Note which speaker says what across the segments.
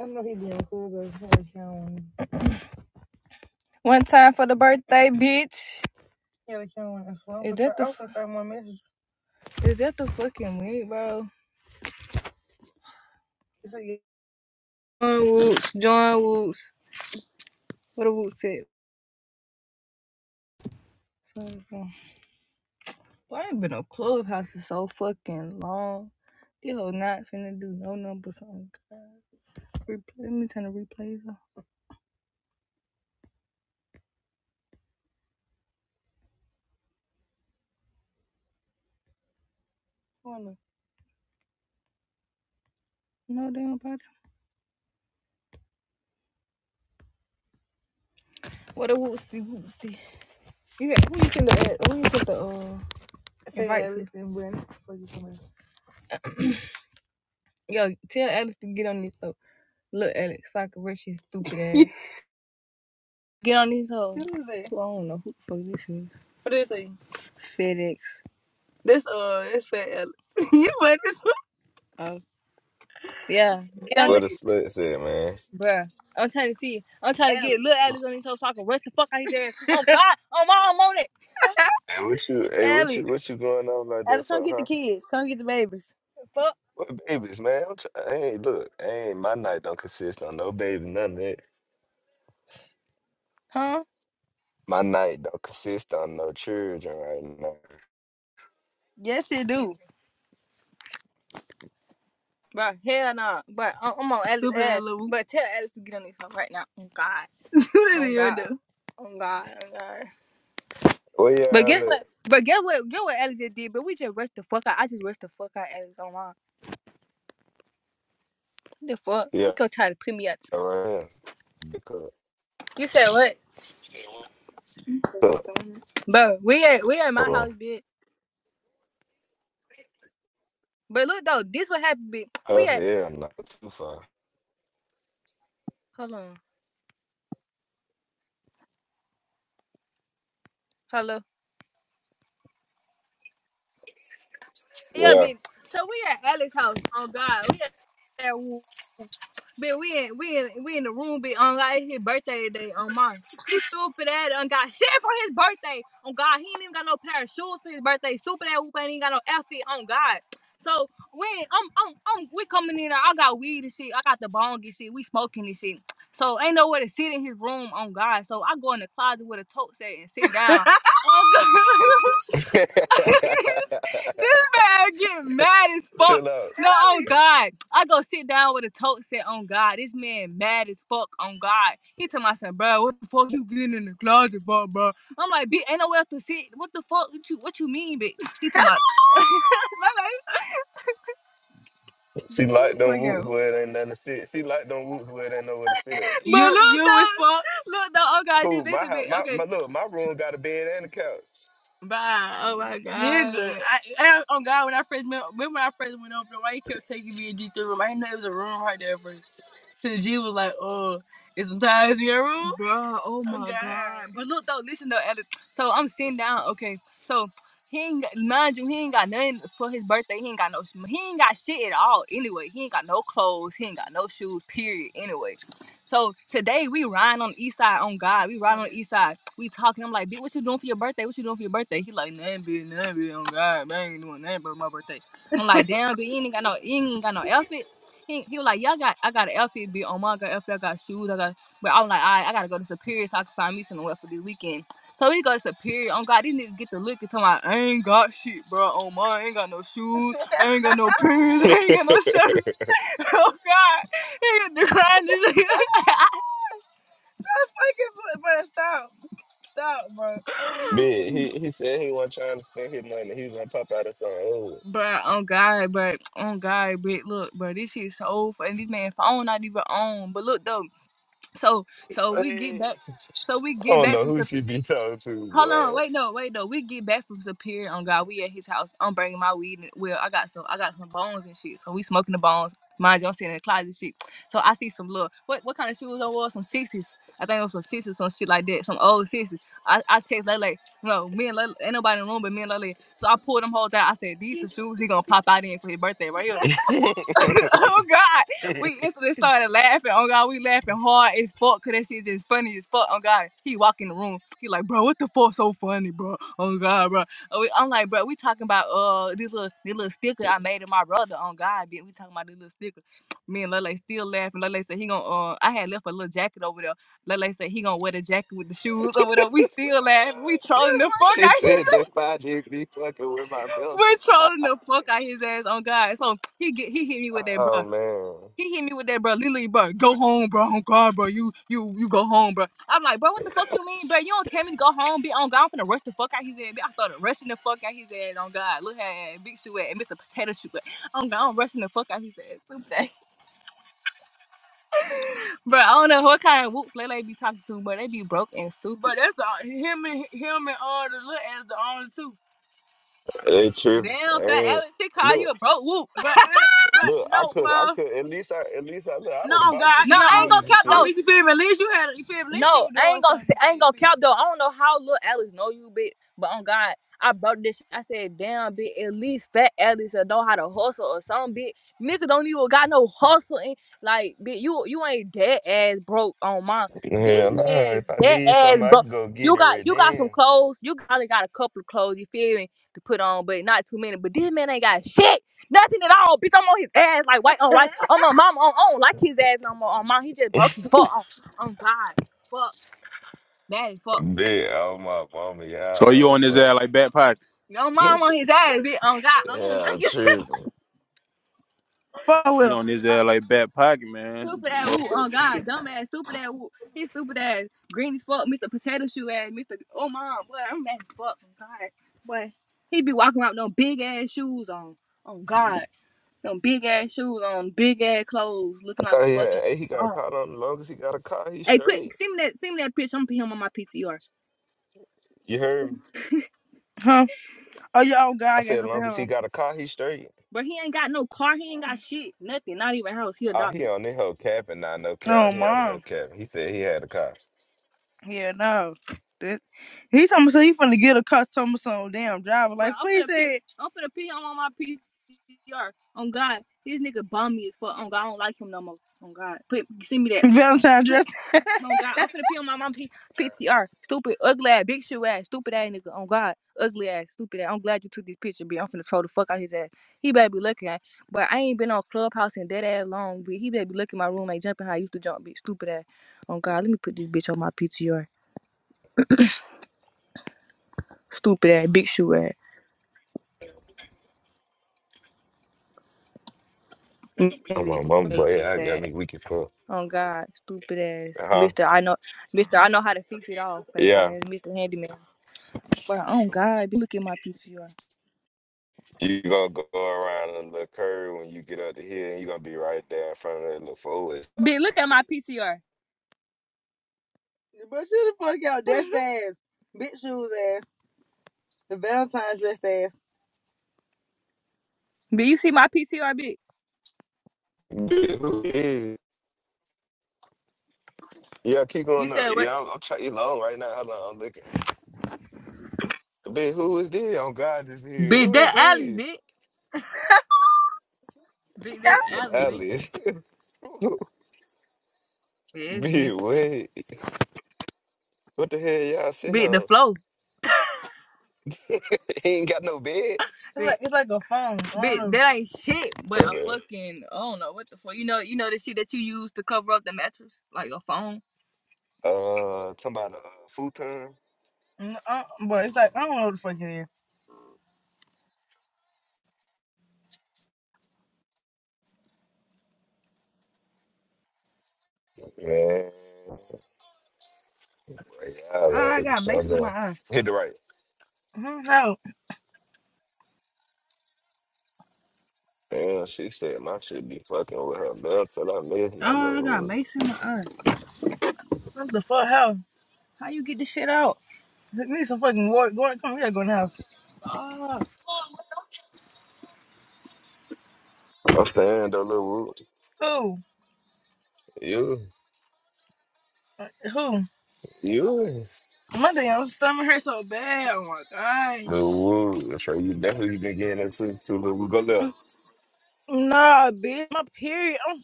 Speaker 1: I know he being cool, but he had One time for the birthday, bitch. He had a count and so Is that the is that the fucking wig, bro? He said, yeah. John Woots, John Woots. What a Woots at? Boy, I ain't been on Clubhouse in so fucking long. This hoe not finna do no numbers on God. Let me turn the replays off. Wanna. No damn body. What a Wootsy Wootsy. You got, who you send the who you send the uh yeah, invite Yo, tell Alex to get on this hoe. Look, Alex, fucking rich his stupid ass. Get on this hoe. Who is that? Well, I don't know who the fuck this is. What is he? FedEx. This uh, this fat Alex. you funny this one. Oh, yeah. Get on
Speaker 2: What
Speaker 1: it,
Speaker 2: a
Speaker 1: Alex. It.
Speaker 2: slut said, man.
Speaker 1: bruh. I'm trying to see. I'm trying Alex. to get Alex. little Alex on his hoe so I can rush the fuck out his ass. Oh God, oh my, I'm on it.
Speaker 2: Hey, what you? Hey, what
Speaker 1: Alex.
Speaker 2: you? What you going on like that
Speaker 1: Alex, come
Speaker 2: for,
Speaker 1: get the
Speaker 2: huh?
Speaker 1: kids. Come get the babies. Fuck,
Speaker 2: What babies, man? I'm try- hey, look, hey, my night don't consist on no baby, none of that.
Speaker 1: huh?
Speaker 2: My night don't consist on no children right now.
Speaker 1: Yes, it do. Bruh, hell nah. Bruh, I'm, on Alex Stupid But tell Alex to get on this hoe right now. Oh God. Whatever Oh you God. do. Oh God. Oh God.
Speaker 2: Where
Speaker 1: But guess
Speaker 2: y'all at?
Speaker 1: what? But guess what? Guess what Alex just did? But we just rushed the fuck out. I just rushed the fuck out Alex online. What the fuck?
Speaker 2: Yeah,
Speaker 1: He gonna try to put me out. the spot.
Speaker 2: right here. Because,
Speaker 1: You said what?
Speaker 2: so,
Speaker 1: Bro, we at we at my
Speaker 2: oh,
Speaker 1: house, bitch. But look though, this what happened, bitch. We
Speaker 2: oh,
Speaker 1: at
Speaker 2: yeah, not too far.
Speaker 1: hold on, hello, yeah,
Speaker 2: Yeah.
Speaker 1: bitch. So we at Alex's house. Oh God, we at But we in we in we in the room Be on like his birthday day on mine. He stupid ass and got shit for his birthday. On God, he ain't even got no pair of shoes for his birthday. Stupid ass whoop ain't even got no outfit on God. So when I'm I'm, I'm we coming in, I got weed and shit. I got the bong and shit. We smoking and shit. So ain't nowhere to sit in his room on God. So I go in the closet with a tote set and sit down. Oh this man getting mad as fuck.
Speaker 2: Chill out.
Speaker 1: No, on God. I go sit down with a tote set on God. This man mad as fuck on God. He tell my son, bro, what the fuck you getting in the closet, bro? I'm like, bitch, ain't nowhere else to sit. What the fuck what you what you mean, bitch? He tell my my life.
Speaker 2: She
Speaker 1: What you
Speaker 2: like them
Speaker 1: fuck
Speaker 2: whoops
Speaker 1: out.
Speaker 2: where it ain't nothing to sit. She like them whoops where it ain't nowhere to sit
Speaker 1: You look you though, was fuck. Look though, oh God, just
Speaker 2: Who? My
Speaker 1: listen,
Speaker 2: house.
Speaker 1: bitch.
Speaker 2: My,
Speaker 1: Okay.
Speaker 2: my look. My room got a bed and a couch.
Speaker 1: Oh my God. Nigga. I, I, oh God, when I first met, remember when I first went over there, why you kept taking me in G three room? I didn't know it was a room right there first. Since G was like, oh, it's some ties in your room. Bruh, oh Oh, my God. god. But look though, listen though, Alex. So I'm sitting down. Okay, so he ain't got, mind you, he ain't got nothing for his birthday. He ain't got no, he ain't got shit at all. Anyway, he ain't got no clothes. He ain't got no shoes. Period. Anyway, so today we riding on the east side. On God, we riding on the east side. We talking. I'm like, bitch, what you doing for your birthday? What you doing for your birthday? He like, nothing, bitch, nothing, bitch. On God, man, I ain't doing nothing for my birthday. I'm like, damn, bitch, you ain't got no, you ain't got no outfit. He, he was like, y'all got, I got an outfit be on my got outfit, I got shoes, I got, but I was like, all right, I gotta go to Superior so I can find me something wet for this weekend. So we go to Superior. On God, these niggas get to look and tell me, I ain't got shit, bro. Oh my, I ain't got no shoes, I ain't got no pants, I ain't got no shirt. Oh God, he declined this. stop, stop, bro.
Speaker 2: Bed. He he said he wasn't trying to spend his money. He was gonna pop out of some old.
Speaker 1: Bruh, on God, but on God, but look, bro, this shit so funny. This man phone not even on. But look though, so so
Speaker 2: What?
Speaker 1: we get
Speaker 2: I
Speaker 1: back, so we get
Speaker 2: don't
Speaker 1: back
Speaker 2: know
Speaker 1: from Sup-
Speaker 2: who she be talking to,
Speaker 1: Hold on,
Speaker 2: boy.
Speaker 1: wait, no, wait, no. We get back from Superior on God. We at his house. I'm bringing my weed. And, well, I got some, I got some bones and shit. So we smoking the bones. Mind you, I'm sitting in the closet, and shit. So I see some little, what, what kind of shoes I wore? Some sixes. I think it was some sixes, some shit like that. Some old sixes. I, I text Lele. No, me and Lele, ain't nobody in the room but me and Lele. So I pulled them whole out. I said, these the shoes he gonna pop out in for his birthday right here. oh God, we instantly started laughing. Oh God, we laughing hard as fuck because that shit just funny as fuck. Oh God, he walk in the room, he like, bro, what the fuck so funny, bro? Oh God, bro, Oh, we- I'm like, bro, we talking about uh this little this little sticker I made of my brother. Oh God, bitch, we talking about this little sticker. Me and Lele still laughing. Lele said he gonna uh I had left a little jacket over there. Lele said he gonna wear the jacket with the shoes over there. We still laughing. We trolling the fuck
Speaker 2: she
Speaker 1: out his.
Speaker 2: said that five did be fucking with my
Speaker 1: We
Speaker 2: mental.
Speaker 1: trolling the fuck out his ass. On God, so he get he hit me with that, bro.
Speaker 2: Oh man,
Speaker 1: He hit me with that, bro. Literally, bro, go home, bro. On God, bro. You, you, you go home, bro. I'm like, bro, what the fuck you mean, bro? You don't tell me to go home, be on God. I'm finna rush the fuck out his ass. I started rushing the fuck out his ass on God. Look at big shoe at and Mr. Potato Shoe at. I'm God, I'm rushing the fuck out his ass. Stupid ass. Bro, I don't know what kind of whoops Lele be talking to, but they be broke and stupid. But that's all, him and him and all the little ass the only two.
Speaker 2: they tripping. I
Speaker 1: Damn, fat
Speaker 2: ain't-
Speaker 1: Alex, she call
Speaker 2: Look,
Speaker 1: you a broke whoop. But but
Speaker 2: look, I
Speaker 1: no,
Speaker 2: could, I
Speaker 1: well.
Speaker 2: could, at least I, at least I, look, I
Speaker 1: No,
Speaker 2: would have
Speaker 1: God,
Speaker 2: bought me
Speaker 1: No,
Speaker 2: some
Speaker 1: you know, I ain't on,
Speaker 2: shoes
Speaker 1: gonna
Speaker 2: and
Speaker 1: cap though.
Speaker 2: shit.
Speaker 1: you feel me. At least you had, you feel me. At you No, I ain't doing gonna say, I ain't You gonna cap though. I don't know how little Alex know you, bitch. But on God, I brought this. shit. I said, damn, bitch. At least fat Alex will know how to hustle or something, bitch. Nigga don't even got no hustle and like, bitch. You you ain't dead ass broke on mine. This
Speaker 2: Hell nah, if
Speaker 1: man
Speaker 2: I
Speaker 1: dead
Speaker 2: need
Speaker 1: ass
Speaker 2: something, I
Speaker 1: broke.
Speaker 2: can go get
Speaker 1: You
Speaker 2: it
Speaker 1: got
Speaker 2: right
Speaker 1: you got some
Speaker 2: then.
Speaker 1: clothes. You probably got a couple of clothes. You feel me to put on, but not too many. But this man ain't got shit. Nothing at all, bitch. I'm on his ass like white on white. I'm on mama. on I don't like his ass no more. On mom, he just broke his fuck. On on God, fuck, daddy, fuck.
Speaker 2: Big, oh my mama,
Speaker 3: So you
Speaker 2: yeah,
Speaker 3: on his ass
Speaker 2: but
Speaker 3: like back pocket.
Speaker 1: Yo, mom on his ass, bitch. On God, I don't like
Speaker 2: yeah,
Speaker 1: his
Speaker 2: true. bro.
Speaker 1: Fuck
Speaker 3: She
Speaker 1: with him.
Speaker 3: on his ass like back pocket, man.
Speaker 1: stupid ass woo. On
Speaker 3: Motherfucker.
Speaker 1: God, dumb ass, stupid ass woo. His stupid ass, green as fuck, Mr. Potato Shoe ass, Mr. Oh mom, boy, I'm mad as fuck. On God, boy, he be walking around with no big ass shoes on. On God, no big ass shoes on, big ass clothes, looking
Speaker 2: I
Speaker 1: like
Speaker 2: thought
Speaker 1: a
Speaker 2: he
Speaker 1: fucking.
Speaker 2: had. Hey, he got a car on. Long as he got a car, he
Speaker 1: Hey, put
Speaker 2: straight.
Speaker 1: send me that send me that picture. I'm gonna put him on my PTR.
Speaker 2: You heard me?
Speaker 1: Huh? Oh yeah. Oh God,
Speaker 2: I
Speaker 1: I gotta
Speaker 2: said,
Speaker 1: look at
Speaker 2: long as he
Speaker 1: her.
Speaker 2: got a car, he straight.
Speaker 1: But he ain't got no car. He ain't got shit. Nothing. Not even a house. He
Speaker 2: Ah, he
Speaker 1: adopted.
Speaker 2: on this whole cap and not no cap.
Speaker 1: Oh
Speaker 2: He on the whole
Speaker 1: mom.
Speaker 2: cap. He said he had a car.
Speaker 1: Yeah, no. That, he told me so he finna get a car. Told me some damn driver. Bro, Like Bruh, I'm please finna pee. say I'm finna pee I'm on my PCR. On God, this nigga bum me as fuck. On God, I don't like him no more. On God, put send me that. Valentine Oh God, I'm finna pee on my mom P- PTR. Stupid, ugly ass, big shoe ass, stupid ass nigga. Oh God, ugly ass, stupid ass. I'm glad you took this picture, bitch. I'm finna troll the fuck out his ass. He better be looking at, but I ain't been on Clubhouse in that ass long, bitch. He better be looking at my roommate jumping how I used to jump, bitch. Stupid ass. Oh God, let me put this bitch on my PTR. Stupid ass, big shoe ass.
Speaker 2: I'm
Speaker 1: Maybe
Speaker 2: on mama, boy. Yeah,
Speaker 1: face
Speaker 2: I got
Speaker 1: ass.
Speaker 2: me weak as fuck.
Speaker 1: Oh God, stupid ass,
Speaker 2: Uh huh.
Speaker 1: Mister. I know, Mister. I know how to fix it all, face
Speaker 2: Yeah.
Speaker 1: ass, Mister Handyman. But oh God, be look at my PTR.
Speaker 2: You gonna go around a little curve when you get up the hill, and you gonna be right there in front of that little forward.
Speaker 1: Bitch, look at my PTR. But shut the fuck out. That's ass. Bitch shoes ass. The Valentine's dressed ass. Did you see my PTR, bitch?
Speaker 2: Yeah, who is? Yeah. keep
Speaker 1: You
Speaker 2: going up.
Speaker 1: said what?
Speaker 2: Yeah, I'm, I'm trying. You long right now. Hold on, I'm looking. Bitch, who is this? On God is here.
Speaker 1: Big
Speaker 2: Who is
Speaker 1: Alice,
Speaker 2: this?
Speaker 1: big, big that Alice, bitch.
Speaker 2: Alice.
Speaker 1: yes, bitch.
Speaker 2: bitch, wait. What the hell y'all sitting
Speaker 1: big the
Speaker 2: on?
Speaker 1: flow, It's
Speaker 2: He ain't got no bed.
Speaker 1: big, like it's like a phone. big. Mm. That ain't shit, but
Speaker 2: My
Speaker 1: a
Speaker 2: bad.
Speaker 1: fucking I don't know what the fuck. You know, you know the shit that you use to cover up the mattress, like a phone.
Speaker 2: Uh, talking about a uh, futon.
Speaker 1: Mm, Uh, but it's like I don't know what the fuck it is.
Speaker 2: Man, boy, y'all
Speaker 1: Uh,
Speaker 2: uh, so down. Hit the right.
Speaker 1: mm, how? Oh,
Speaker 2: Damn, she said my shit be fucking with her belt till I miss my
Speaker 1: I
Speaker 2: little
Speaker 1: got
Speaker 2: wood.
Speaker 1: mason. Uh, What the fuck? How? how you get this shit out? Look, need some fucking water. Go, come here. Go in the house.
Speaker 2: I'm saying though, little wood.
Speaker 1: Oh.
Speaker 2: You,
Speaker 1: Who?
Speaker 2: you,
Speaker 1: My damn stomach hurts so bad. Oh my gosh.
Speaker 2: little wood. So you, that's who you been getting into, too, little wood. Go left.
Speaker 1: Nah, bitch. My period. I'm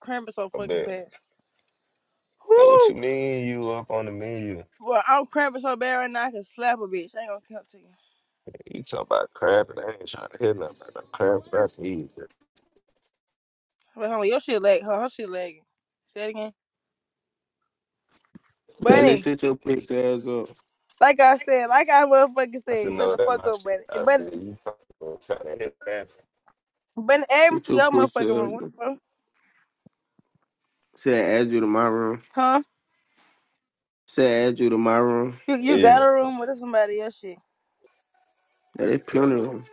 Speaker 1: cramping so
Speaker 2: I
Speaker 1: fucking
Speaker 2: bet.
Speaker 1: bad.
Speaker 2: So what you
Speaker 1: Whoo.
Speaker 2: mean you up on the menu?
Speaker 1: Well, I'm cramping so bad right now I can slap a bitch. I ain't gonna count to you.
Speaker 2: You talking about crab and I ain't trying to hear nothing about no crab. That's easy.
Speaker 1: But homie, your shit lag. Her, her shit lagging. Say it again.
Speaker 4: Sally,
Speaker 1: Bunny.
Speaker 4: sit your pussy ass up.
Speaker 1: Like I said, like I motherfucking
Speaker 2: I said
Speaker 1: said, shut
Speaker 2: no,
Speaker 1: the
Speaker 2: that
Speaker 1: fuck
Speaker 2: my
Speaker 1: up,
Speaker 2: shit.
Speaker 1: bunny.
Speaker 2: I
Speaker 1: Bunny,
Speaker 2: said you fucking trying to hit crab.
Speaker 1: bunny add me
Speaker 4: Sit
Speaker 1: to
Speaker 4: your
Speaker 1: your
Speaker 4: pussy
Speaker 1: motherfucking room.
Speaker 4: ass
Speaker 1: What
Speaker 4: up.
Speaker 1: the fuck?
Speaker 4: Said add you to my room.
Speaker 1: Huh?
Speaker 4: Said add you to my room.
Speaker 1: You, you
Speaker 2: Hey
Speaker 1: got
Speaker 2: man,
Speaker 1: a room with somebody else shit.
Speaker 4: That is plenty of room.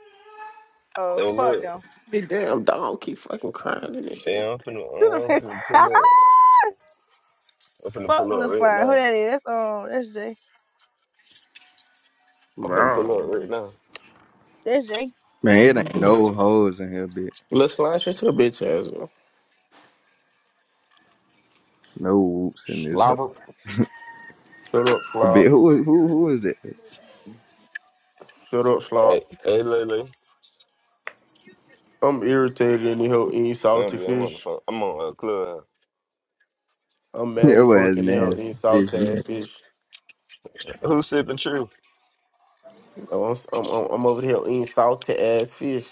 Speaker 1: Oh,
Speaker 2: hey
Speaker 1: fuck
Speaker 2: look,
Speaker 1: no.
Speaker 4: This damn dog keep fucking crying and this
Speaker 2: hey
Speaker 4: shit.
Speaker 2: I'm finna, uh, I'm finna pull up. I'm finna
Speaker 1: fuck
Speaker 2: pull
Speaker 1: Lil
Speaker 2: up right
Speaker 1: Slime. Who
Speaker 2: now.
Speaker 1: that is? That's, um, that's Jay.
Speaker 2: I'm finna
Speaker 4: Bro.
Speaker 2: pull up right now.
Speaker 1: That's Jay.
Speaker 5: Man, it ain't
Speaker 4: Little
Speaker 5: no hoes in here, bitch.
Speaker 4: slime, shut your bitch ass up.
Speaker 5: No whoops in this hoe.
Speaker 4: Slobber. Shut up, slob.
Speaker 5: Bitch, who who who is that?
Speaker 4: Shut up, slob.
Speaker 2: Hey, hey Lele,
Speaker 4: I'm irritated in the hell eating
Speaker 2: Nah,
Speaker 4: salty
Speaker 2: B, I'm on the
Speaker 4: fish.
Speaker 2: phone. I'm on a club.
Speaker 4: I'm mad at
Speaker 5: Your ass
Speaker 4: fucking the hell eating
Speaker 5: nasty, fish
Speaker 4: salty ass
Speaker 5: nasty.
Speaker 4: fish.
Speaker 2: Who sipping true?
Speaker 4: I'm, I'm, I'm, I'm over the hell eating salty ass fish.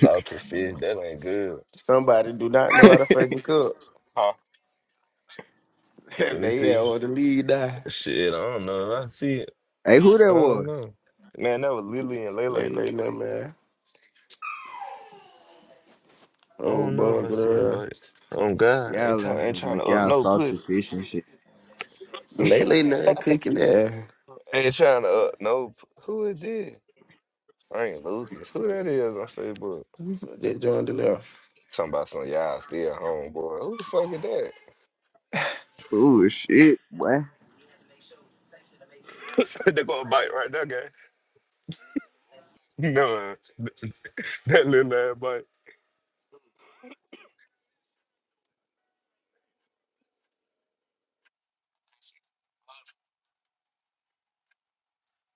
Speaker 2: Salted fish. That ain't good.
Speaker 4: Somebody do not know how to fucking cook.
Speaker 2: Huh? Let me
Speaker 4: Man, yeah,
Speaker 2: see.
Speaker 4: all the lead die.
Speaker 2: Shit, I don't know. I see. it.
Speaker 5: Hey, who
Speaker 2: I
Speaker 5: that
Speaker 2: don't
Speaker 5: was?
Speaker 2: know. Man, that was Lily and
Speaker 4: Lay
Speaker 2: Lele.
Speaker 4: lay nah man.
Speaker 2: I
Speaker 4: Oh
Speaker 2: don't know if
Speaker 4: boy,
Speaker 2: I see it,
Speaker 4: uh,
Speaker 2: but oh God, ain't
Speaker 5: Y'all let
Speaker 2: try, ain't
Speaker 5: her
Speaker 2: trying to
Speaker 5: make
Speaker 2: up
Speaker 5: y'all
Speaker 2: no
Speaker 5: salty
Speaker 2: pussy,
Speaker 5: fish and shit.
Speaker 4: lay lay nah cooking there.
Speaker 2: ain't trying to up no. p- Who is this? Frank Lucas, who that is on Facebook?
Speaker 4: That joint the left.
Speaker 2: Talking about some y'all still home, boy. Who the fuck is that?
Speaker 5: Ooh, shit, boy.
Speaker 2: they gonna bite right there, guy. No, that little ass bite.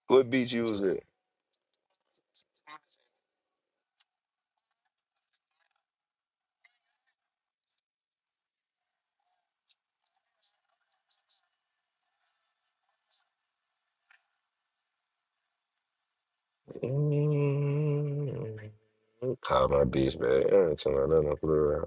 Speaker 2: What beach you was at? Mm, Call my beach, man. I ain't talking about nothing.